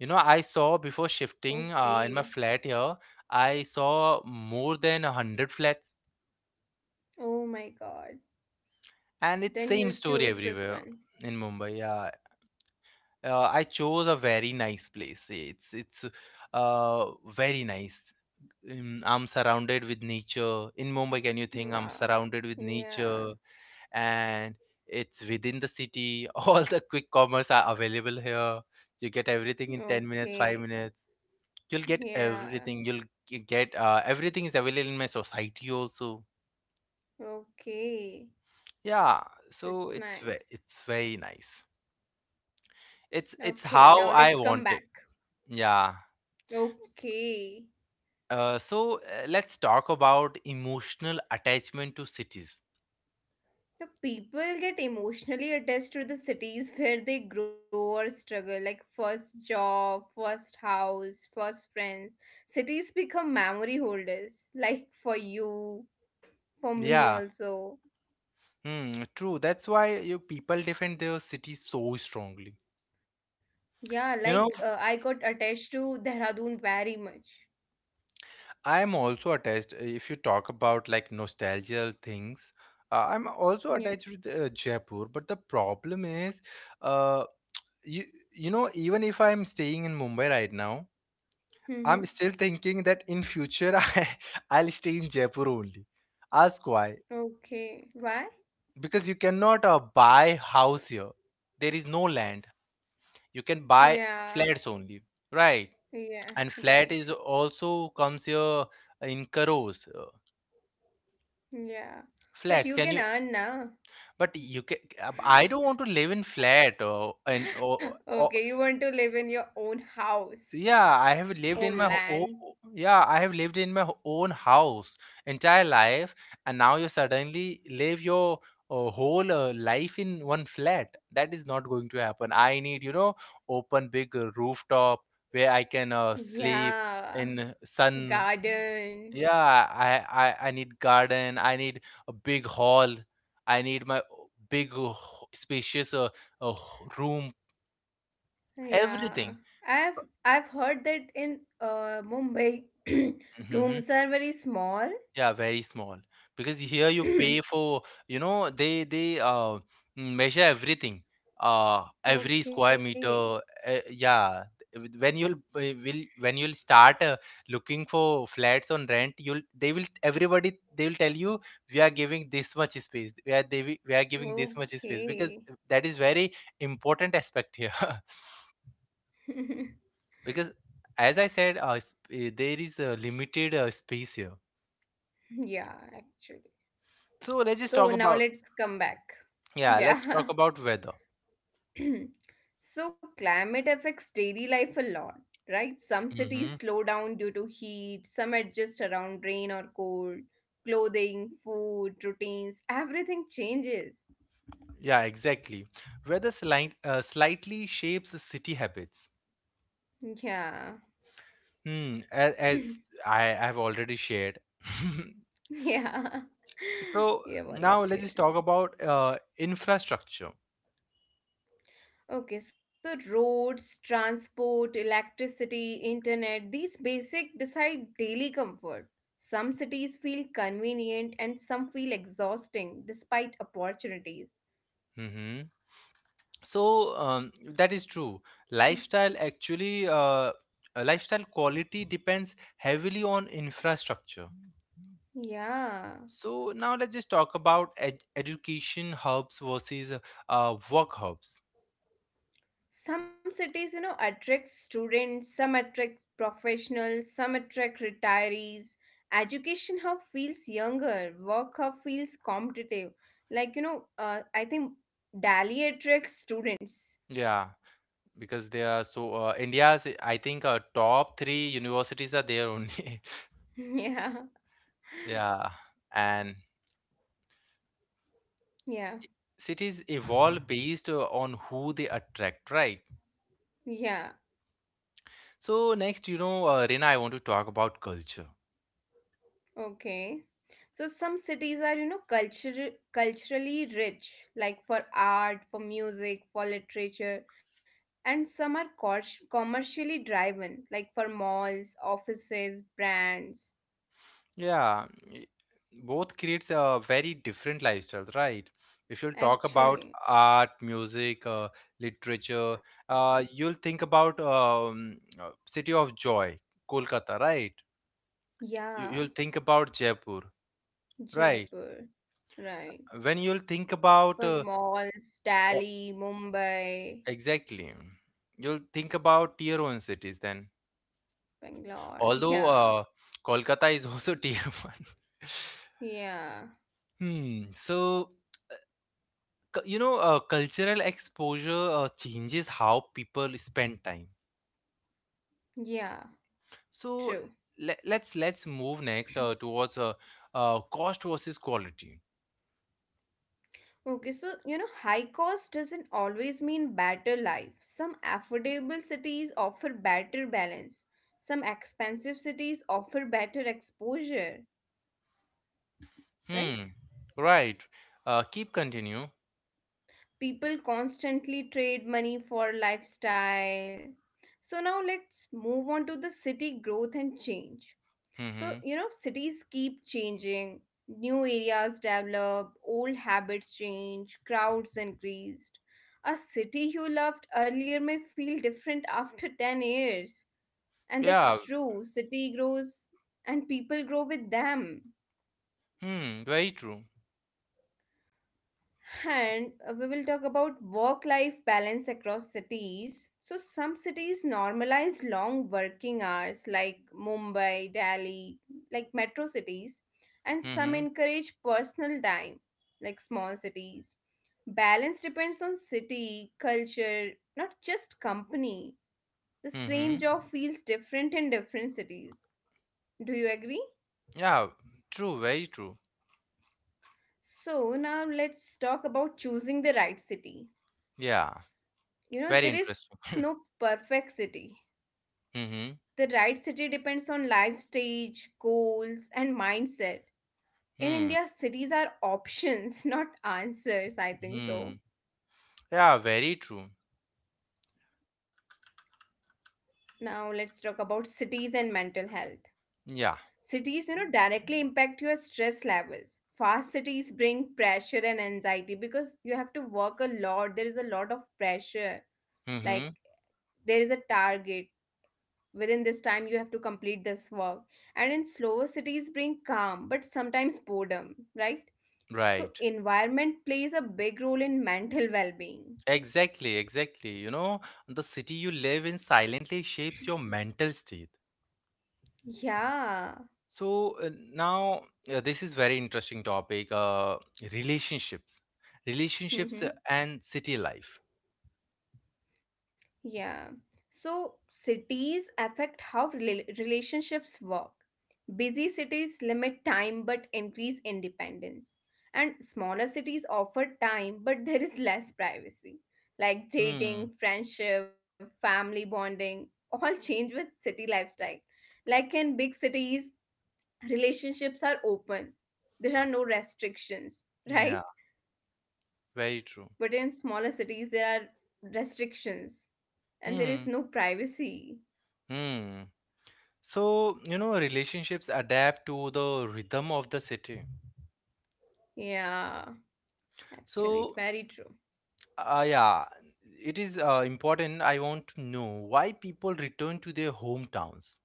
S1: You know, I saw before shifting
S2: Okay.
S1: in my flat here, I saw more than 100 flats,
S2: Oh my God.
S1: and it's
S2: Then
S1: same
S2: you
S1: story
S2: choose this
S1: everywhere
S2: one.
S1: in Mumbai. Yeah, I chose a very nice place. It's very nice. I'm surrounded with nature. In Mumbai, can you think I'm
S2: Wow.
S1: surrounded with nature
S2: Yeah.
S1: and it's within the city? All the quick commerce are available here. You get everything in 10
S2: Okay.
S1: minutes, 5 minutes. You'll get
S2: Yeah.
S1: everything. You'll get, everything is available in my society also.
S2: Okay.
S1: Yeah, so
S2: That's nice.
S1: it's very nice. It's
S2: Okay. Now
S1: how
S2: let's
S1: I
S2: come back.
S1: want it. Yeah. S-
S2: Okay.
S1: Uh, so let's talk about emotional attachment to cities.
S2: Now people get emotionally attached to the cities where they grow or struggle, like first job, first house, first friends. Cities become memory holders, like for you, for
S1: Yeah.
S2: me also.
S1: Hmm, true. That's why you people defend their city so strongly.
S2: Yeah,
S1: You know,
S2: like I got attached to Dehradun very much.
S1: I'm also attached. If you talk about like nostalgical things, I'm also attached
S2: Yeah.
S1: with Jaipur. But the problem is, uh, you you know, even if I'm staying in Mumbai right now, I'm
S2: Mm-hmm.
S1: still thinking that in future, I'll stay in Jaipur only. Ask why?
S2: Okay. Why?
S1: Because you cannot buy house here. There is no land. You can buy
S2: Yeah.
S1: flats only, right? And
S2: Yeah.
S1: flat is
S2: Right.
S1: also comes here in crores,
S2: Yeah,
S1: flats
S2: but
S1: can
S2: you
S1: you
S2: can earn now.
S1: but you can, I don't want to live in flat or and or, or
S2: Okay, you want to live in your own house,
S1: yeah i have lived in
S2: own
S1: my own
S2: land.
S1: yeah, I have lived in my own house entire life, and now you suddenly live your whole life in one flat, that is not going to happen. I need, you know, open big rooftop where I can sleep
S2: Yeah,
S1: in sun.
S2: garden.
S1: Yeah, I need garden. I need a big hall. I need my big spacious uh, room.
S2: Yeah,
S1: Everything.
S2: I've heard that in Mumbai,
S1: Mhm.
S2: rooms are very small.
S1: Yeah, very small. Because here you pay for, you know, measure everything, every square
S2: Okay,
S1: meter. Yeah. When you'll start looking for flats on rent, you'll they will everybody they will tell you, we are giving this much space. We are giving this much space because
S2: okay.
S1: that is very important aspect here. Because as I said, there is a limited space here.
S2: Yeah, actually.
S1: So let's just
S2: So
S1: talk
S2: now
S1: about,
S2: let's come back.
S1: yeah, let's talk
S2: Yeah.
S1: about weather.
S2: So climate affects daily life a lot, right? Some
S1: Hmm.
S2: cities slow down due to heat, some adjust around rain or cold. Clothing, food, routines, everything changes.
S1: Yeah, exactly. Weather slightly shapes the city habits.
S2: Yeah.
S1: Hmm, as I have already shared.
S2: Yeah.
S1: So
S2: Yeah,
S1: now let's
S2: abolished
S1: just talk
S2: here.
S1: about infrastructure.
S2: Okay, so roads, transport, electricity, internet, these basic decide daily comfort. Some cities feel convenient and some feel exhausting despite opportunities.
S1: Hmm. So that is true. Lifestyle actually, lifestyle quality depends heavily on infrastructure.
S2: Yeah.
S1: So now let's just talk about education hubs versus work hubs.
S2: Some cities, you know, attract students, some attract professionals, some attract retirees. Education hub feels younger, work hub feels competitive. Like, you know, I think Delhi attracts students.
S1: Yeah. Because they are so, India's, I think, top 3 universities are there only.
S2: Yeah.
S1: Yeah, and
S2: Yeah.
S1: cities evolve based on who they attract, right?
S2: Yeah.
S1: So next, you know, Rina, I want to talk about culture.
S2: Okay. So some cities are, you know, culture, culturally rich, like for art, for music, for literature, and some are commercially driven, like for malls, offices, brands.
S1: Yeah, i- both creates a very different lifestyles, right? If you'll talk about
S2: Actually,
S1: art, music, literature, you'll think about City of Joy, Kolkata, right? You,
S2: yeah,
S1: you'll think about Jaipur, right?
S2: Jaipur, right.
S1: When you'll think about
S2: For malls,
S1: o-
S2: Delhi, Mumbai,
S1: exactly, you'll think about tier 1 cities then.
S2: Bangalore.
S1: Although
S2: Yeah,
S1: Kolkata is also tier 1.
S2: yeah,
S1: Hmm. So you know, cultural exposure changes how people spend time.
S2: yeah, true.
S1: So let's move next towards cost versus quality.
S2: Okay, so you know, high cost doesn't always mean better life. Some affordable cities offer better balance, some expensive cities offer better exposure, right?
S1: Hmm. Right. Uh, keep continue.
S2: People constantly trade money for lifestyle. So now let's move on to the city growth and change. So,
S1: Mm-hmm.
S2: you know, cities keep changing, new areas develop, old habits change, crowds increased. A city you loved earlier may feel different after 10 years. And that's
S1: Yeah.
S2: true, city grows and people grow with them.
S1: Hmm, very true.
S2: And we will talk about work life balance across cities. So, some cities normalize long working hours, like Mumbai, Delhi, like metro cities, and some
S1: Mm-hmm.
S2: encourage personal time, like small cities. Balance depends on city, culture, not just company. The same
S1: Mm-hmm.
S2: job feels different in different cities. Do you agree?
S1: Yeah, true, very true.
S2: So, now let's talk about choosing the right city.
S1: Yeah, very
S2: You know, there is
S1: interesting.
S2: no perfect city.
S1: Mm-hmm.
S2: The right city depends on life stage, goals, and mindset. In
S1: Hmm.
S2: India, cities are options, not answers, I think
S1: Hmm.
S2: so.
S1: Yeah, very true.
S2: Now, let's talk about cities and mental health.
S1: Yeah.
S2: Cities, you know, directly impact your stress levels. Fast cities bring pressure and anxiety because you have to work a lot. There is a lot of pressure.
S1: Mm-hmm.
S2: Like, there is a target within this time you have to complete this work and in slower cities bring calm but sometimes boredom, right? So
S1: Right.
S2: environment plays a big role in mental well-being.
S1: Exactly, exactly. You know, the city you live in silently shapes your mental state.
S2: Yeah.
S1: So now, this is very interesting topic. Relationships, relationships
S2: Hmm.
S1: and city life.
S2: Yeah. So cities affect how relationships work. Busy cities limit time but increase independence. And smaller cities offer time but there is less privacy. Like
S1: Hmm.
S2: dating, friendship, family bonding, all change with city lifestyle. Like in big cities, relationships are open. There are no restrictions, right?
S1: Yeah, very true.
S2: But in smaller cities, there are restrictions and there is
S1: Hmm.
S2: no privacy.
S1: Hmm. So, you know, relationships adapt to the rhythm of the city.
S2: Yeah, actually, it's
S1: So,
S2: very true.
S1: yeah, it is important. I want to know why people return to their hometowns.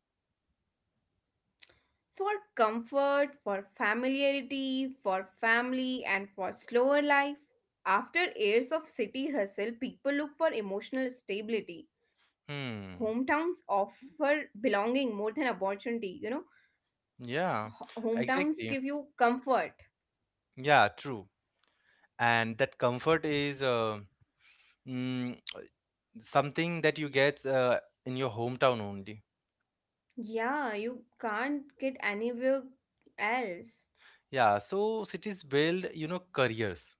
S2: For comfort, for familiarity, for family, and for slower life. After years of city hustle, people look for emotional stability.
S1: Hmm.
S2: Hometowns offer belonging more than opportunity. You know,
S1: Yeah,
S2: hometowns give
S1: exactly.
S2: you comfort.
S1: Yeah, true. And that comfort is, mm, something that you get in your hometown only.
S2: Yeah, you can't get anywhere else.
S1: Yeah, so cities build, you know, careers.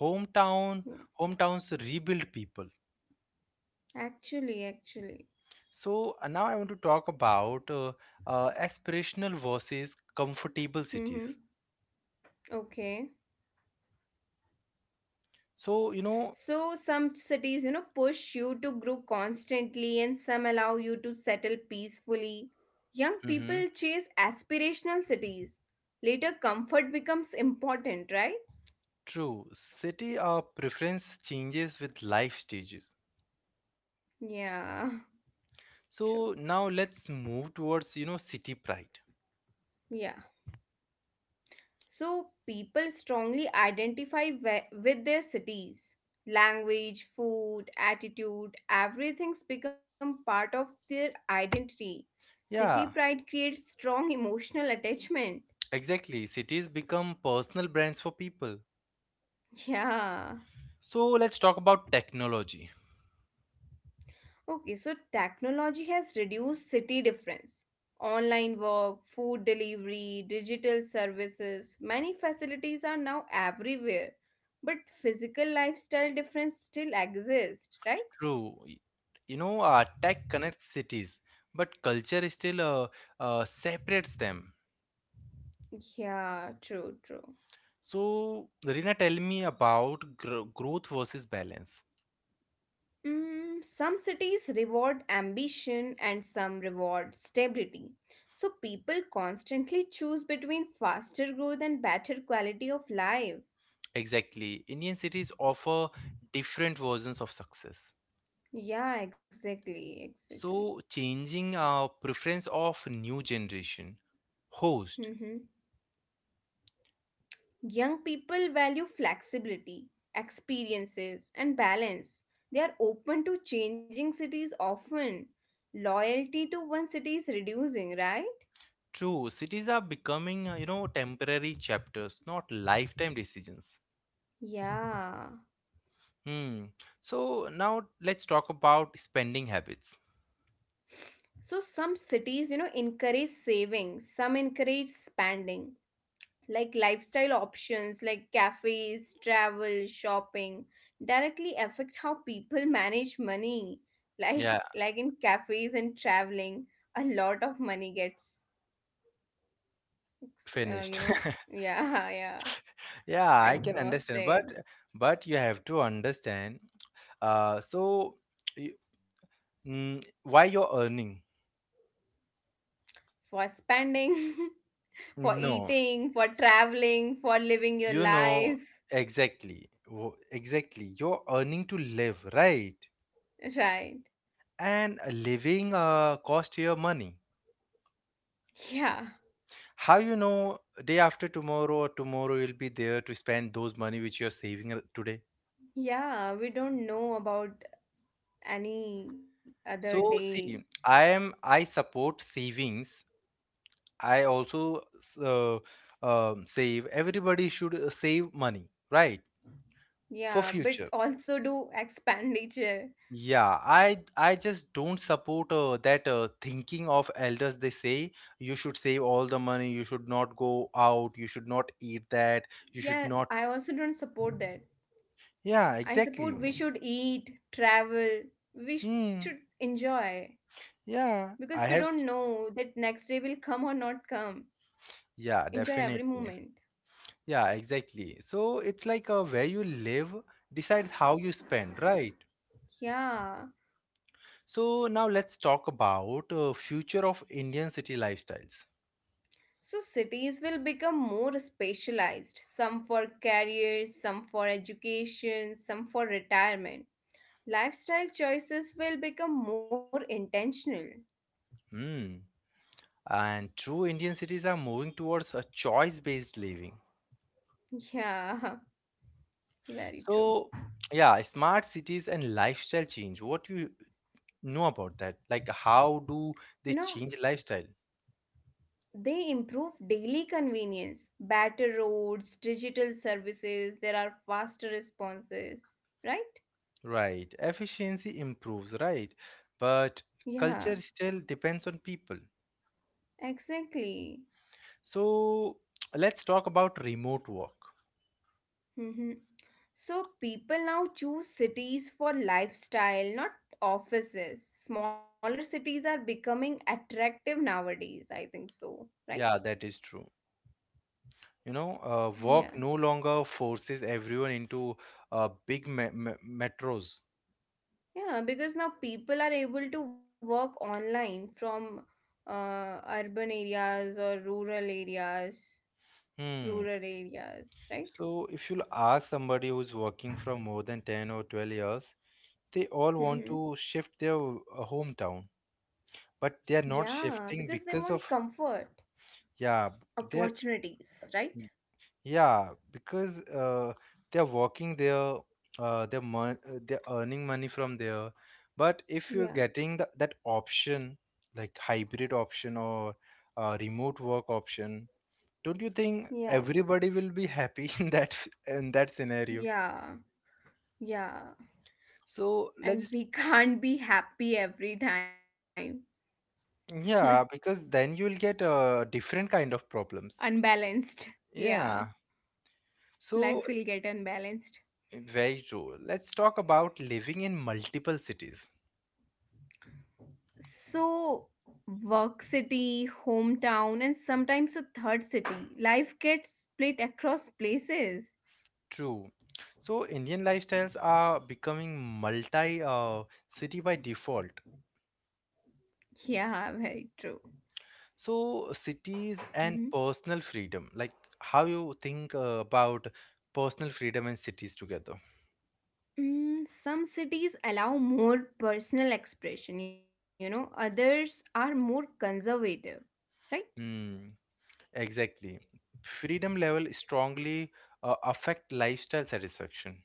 S1: Hometown,
S2: Yeah.
S1: hometowns rebuild people.
S2: Actually, actually.
S1: So now I want to talk about aspirational versus comfortable
S2: Mm-hmm.
S1: cities.
S2: Okay.
S1: So, you know,
S2: So some cities, you know, push you to grow constantly and some allow you to settle peacefully. Young
S1: mhm,
S2: people chase aspirational cities. Later comfort becomes important, right?
S1: true, city preference changes with life stages.
S2: Yeah, true.
S1: So now let's move towards, you know, city pride.
S2: Yeah. So people strongly identify with their cities. Language, food, attitude, everything's become part of their identity. City
S1: Yeah,
S2: pride creates strong emotional attachment.
S1: exactly. Cities become personal brands for people.
S2: Yeah.
S1: So let's talk about technology.
S2: Okay, so technology has reduced city difference. Online work, food delivery, digital services, many facilities are now everywhere. But physical lifestyle difference still exists, right?
S1: True, you know, tech connects cities, but culture still separates them.
S2: Yeah, true, true.
S1: So, Rina, tell me about growth versus balance.
S2: Mm, some cities reward ambition and some reward stability. So people constantly choose between faster growth and better quality of life.
S1: Exactly. Indian cities offer different versions of success.
S2: Yeah, exactly, exactly.
S1: So, changing our preference of new generation host.
S2: Young people value flexibility, experiences, and balance. They are open to changing cities often. Loyalty to one city is reducing, right?
S1: True, cities are becoming, you know, temporary chapters, not lifetime decisions.
S2: Yeah.
S1: Hmm. So, now let's talk about spending habits.
S2: So some cities, you know, encourage saving, some encourage spending, like lifestyle options like cafes, travel, shopping directly affect how people manage money. Life
S1: Yeah,
S2: like in cafes and traveling, a lot of money gets
S1: finished.
S2: you know, yeah, yeah,
S1: Yeah, I can understand,
S2: exhausted
S1: but you have to understand. Uh, so. Mm, why you're earning?
S2: for spending, for
S1: No,
S2: eating, for traveling, for living your
S1: you know,
S2: life,
S1: exactly. You're earning to live, right?
S2: right?
S1: And living cost your money.
S2: Yeah,
S1: How you know day after tomorrow or tomorrow you'll be there to spend those money which you're today?
S2: yeah, we don't know about any other
S1: So
S2: day.
S1: see, I support savings. I also save. Everybody should save money, right?
S2: Yeah,
S1: For
S2: but
S1: future.
S2: also do expenditure.
S1: Yeah, I just don't support that thinking of elders. They say you should save all the money, you should not go out, you should not eat that, you should
S2: Yeah,
S1: not.
S2: I also don't support that.
S1: Yeah,
S2: I
S1: exactly.
S2: support we should eat, travel, we should
S1: Hmm.
S2: enjoy because
S1: Yeah,
S2: we
S1: I
S2: don't
S1: have. s-
S2: know that next day will come or not come.
S1: Yeah,
S2: Enjoy every
S1: definitely.
S2: moment.
S1: Yeah, exactly. So it's like, where you live decides how you spend, right?
S2: Yeah.
S1: So now let's talk about future of Indian city lifestyles.
S2: So cities will become more specialized, some for careers, some for education, some for retirement. Lifestyle choices will become more intentional.
S1: Hmm. And true, Indian cities are moving towards a choice-based living.
S2: Yeah, very true.
S1: So, yeah, smart cities and lifestyle change. What you know about that? Like, how do
S2: You
S1: they
S2: know,
S1: change lifestyle?
S2: they improve daily convenience, better roads, digital services, there are faster responses, right?
S1: Right. Efficiency improves, right? But
S2: Yeah,
S1: culture still depends on people.
S2: exactly.
S1: So, let's talk about remote work.
S2: Mhm. So people now choose cities for lifestyle, not offices. Smaller cities are becoming attractive nowadays, I think so, right?
S1: Yeah, that is true. You know,
S2: Yeah.
S1: work no longer forces everyone into big me me metros.
S2: Yeah, because now people are able to work online from urban areas or
S1: Hmm.
S2: rural areas, right?
S1: So, if you'll ask somebody who's working from more than 10 or 12 years, they all want
S2: Mm-hmm.
S1: to shift their hometown, but they are not
S2: Yeah, because
S1: shifting
S2: they
S1: because
S2: want
S1: of,
S2: comfort,
S1: yeah, they,
S2: opportunities, right?
S1: yeah because they are working there, they're earning money from there. But if you're
S2: Yeah,
S1: getting the, that option, like hybrid option or remote work option, don't you think
S2: yeah,
S1: everybody will be happy in that scenario?
S2: yeah, yeah.
S1: So
S2: And
S1: let's,
S2: we can't be happy every time.
S1: yeah, because then you'll get different kind of problems.
S2: Unbalanced. Yeah,
S1: Yeah. So,
S2: life will get unbalanced.
S1: very true. Let's talk about living in multiple cities.
S2: So, work city, hometown, and sometimes a third city. Life gets split across places.
S1: True. So, Indian lifestyles are becoming multi city by default.
S2: Yeah, very true.
S1: So, cities
S2: Mhm.
S1: and personal freedom, like how you think about personal freedom and cities together.
S2: Mm, some cities allow more personal expression, you know, others are more conservative, right?
S1: Hmm, exactly. Freedom level strongly affect lifestyle satisfaction.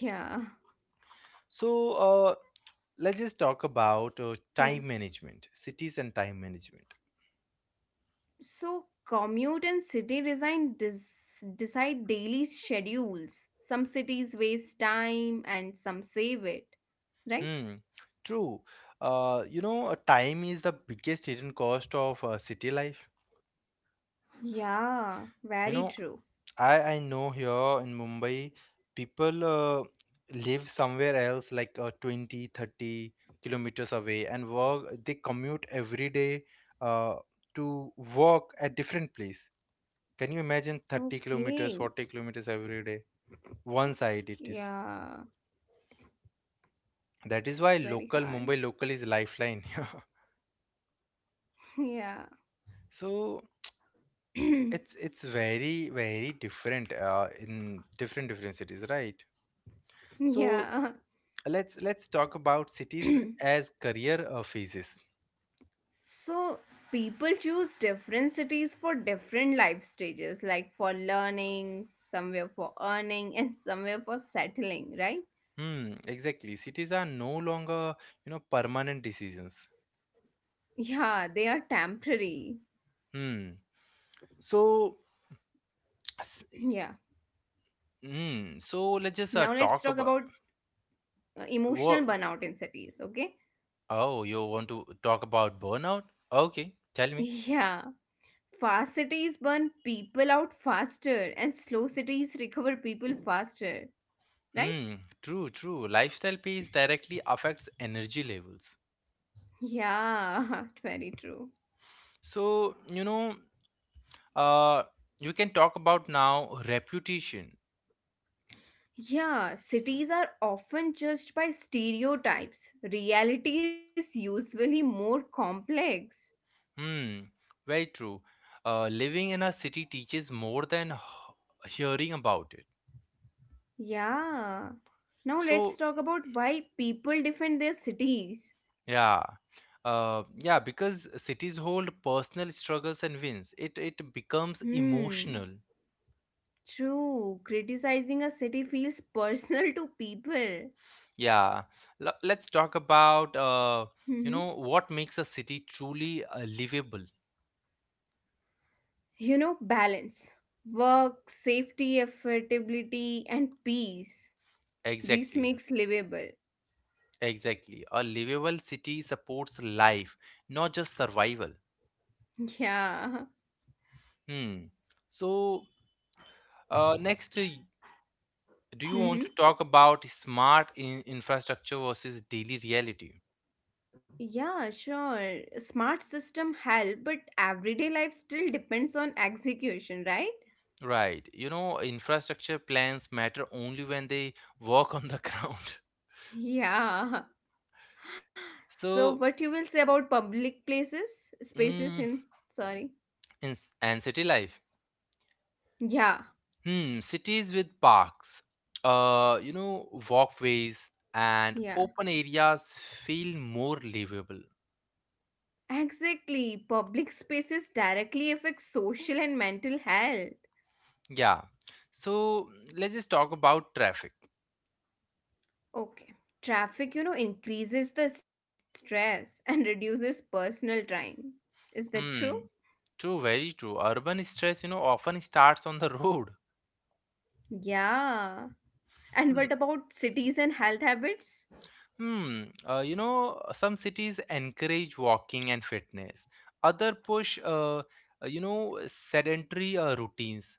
S2: Yeah.
S1: So, let's just talk about
S2: Yeah.
S1: time management, cities and time management.
S2: So, commute and city design decide daily schedules. Some cities waste time and some save it, right?
S1: Hmm, true. You know, time is the biggest hidden cost of city life.
S2: Yeah,
S1: You
S2: very
S1: know,
S2: true.
S1: I know here in Mumbai, people live somewhere else like 20-30 kilometers away and work. They commute every day uh, to work at different place. Can you imagine 30 kilometers,
S2: Okay.
S1: 40 kilometers every day? One side it is.
S2: Yeah,
S1: That is why
S2: that's very
S1: local,
S2: hard.
S1: Mumbai local is lifeline.
S2: Yeah.
S1: So it's very very different in different cities, right? So
S2: Yeah.
S1: let's talk about cities as career phases.
S2: So, people choose different cities for different life stages, like for learning, somewhere for earning, and somewhere for settling, right?
S1: Hmm, exactly, cities are no longer, you know, permanent decisions.
S2: Yeah, they are temporary.
S1: Hmm. so s-
S2: Yeah.
S1: hmm so let's just
S2: Now let's
S1: talk
S2: talk
S1: about,
S2: about emotional
S1: what,
S2: burnout in cities, okay?
S1: oh, you want to talk about burnout? Okay, tell me.
S2: Yeah. Fast cities burn people out faster and slow cities recover people faster, right?
S1: Hmm, true, true, lifestyle pace directly affects energy levels.
S2: Yeah, very true.
S1: So you know, Uh, we can talk about now reputation.
S2: Yeah, cities are often judged by stereotypes. Reality is usually more complex.
S1: Hmm, very true. Living in a city teaches more than hearing about it.
S2: Yeah. Now let's
S1: So,
S2: talk about why people defend their cities.
S1: yeah. Yeah, because cities hold personal struggles and wins. It becomes
S2: Hmm.
S1: emotional.
S2: True, criticizing a city feels personal to people.
S1: Yeah. Let's talk about, you
S2: Mhm.
S1: know, what makes a city truly livable.
S2: You know, balance. Work, safety, affordability, and peace. This
S1: Exactly.
S2: makes livable.
S1: Exactly. A livable city supports life, not just survival.
S2: Yeah.
S1: Hmm. So, next, do you want to
S2: Mhm.
S1: talk about smart in infrastructure versus daily reality?
S2: Yeah, sure. Smart system help, but everyday life still depends on execution, right?
S1: Right. You know, infrastructure plans matter only when they work on the ground.
S2: Yeah. So
S1: So,
S2: what you will say about public places, spaces
S1: mm,
S2: in sorry.
S1: and city life.
S2: Yeah.
S1: Hmm. Cities with parks, you know, walkways and
S2: Yeah.
S1: open areas feel more livable.
S2: Exactly. Public spaces directly affect social and mental health.
S1: Yeah. So, let's just talk about traffic.
S2: Okay. Traffic, you know, increases the stress and reduces personal time. Is that true?
S1: Hmm. True, very true. Urban stress, you know, often starts on the road.
S2: Yeah. And
S1: Hmm.
S2: what about cities and health habits?
S1: Hmm. You know, some cities encourage walking and fitness. Other push, you know, sedentary routines.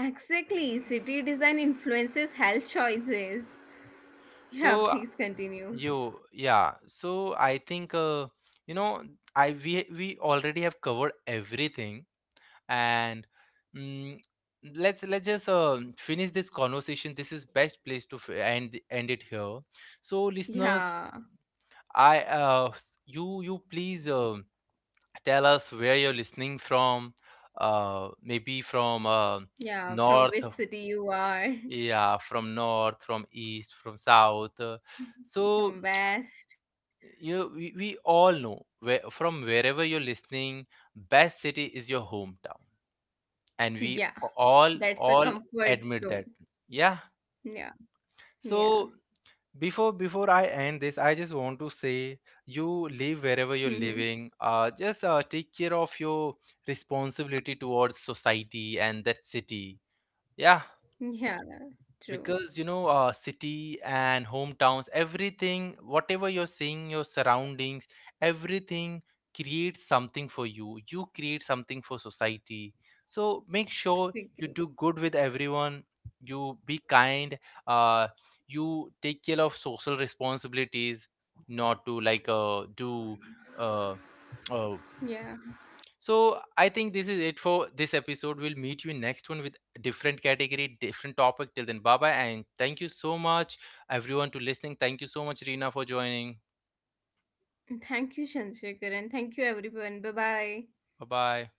S2: Exactly. City design influences health choices. Yeah,
S1: So
S2: please continue.
S1: yeah. So I think, you know, I we already have covered everything, and mm, let's just finish this conversation. This is best place to end it here. So listeners,
S2: Yeah.
S1: you you please tell us where you're listening from. Maybe from
S2: Yeah. From
S1: north,
S2: which
S1: of-
S2: city you are?
S1: yeah, from north, from east, from south. So
S2: From West.
S1: you, we all know, where from, wherever you're listening, best city is your hometown, and we
S2: Yeah.
S1: a- all
S2: That's a
S1: all
S2: comfort
S1: admit
S2: zone.
S1: that. Yeah.
S2: Yeah. Yeah.
S1: So before I end this, I just want to say, you live
S2: Mm-hmm.
S1: wherever you're living, just take care of your responsibility towards society and that city. Yeah,
S2: Yeah, true.
S1: because you know, city and hometowns, everything, whatever you're seeing, your surroundings, everything creates something for you, you create something for society. So make sure you
S2: Exactly.
S1: do good with everyone, you be kind, uh, you take care of social responsibilities, not to like do uh, uh,
S2: Yeah.
S1: so I think this is it for this episode. We'll meet you in next one with a different category, different topic. Till then, bye bye, and thank you so much, everyone, to listening. Thank you so much, Rina, for joining.
S2: Thank you, Chandrasekhar, and thank you, everyone. Bye bye.
S1: Bye bye.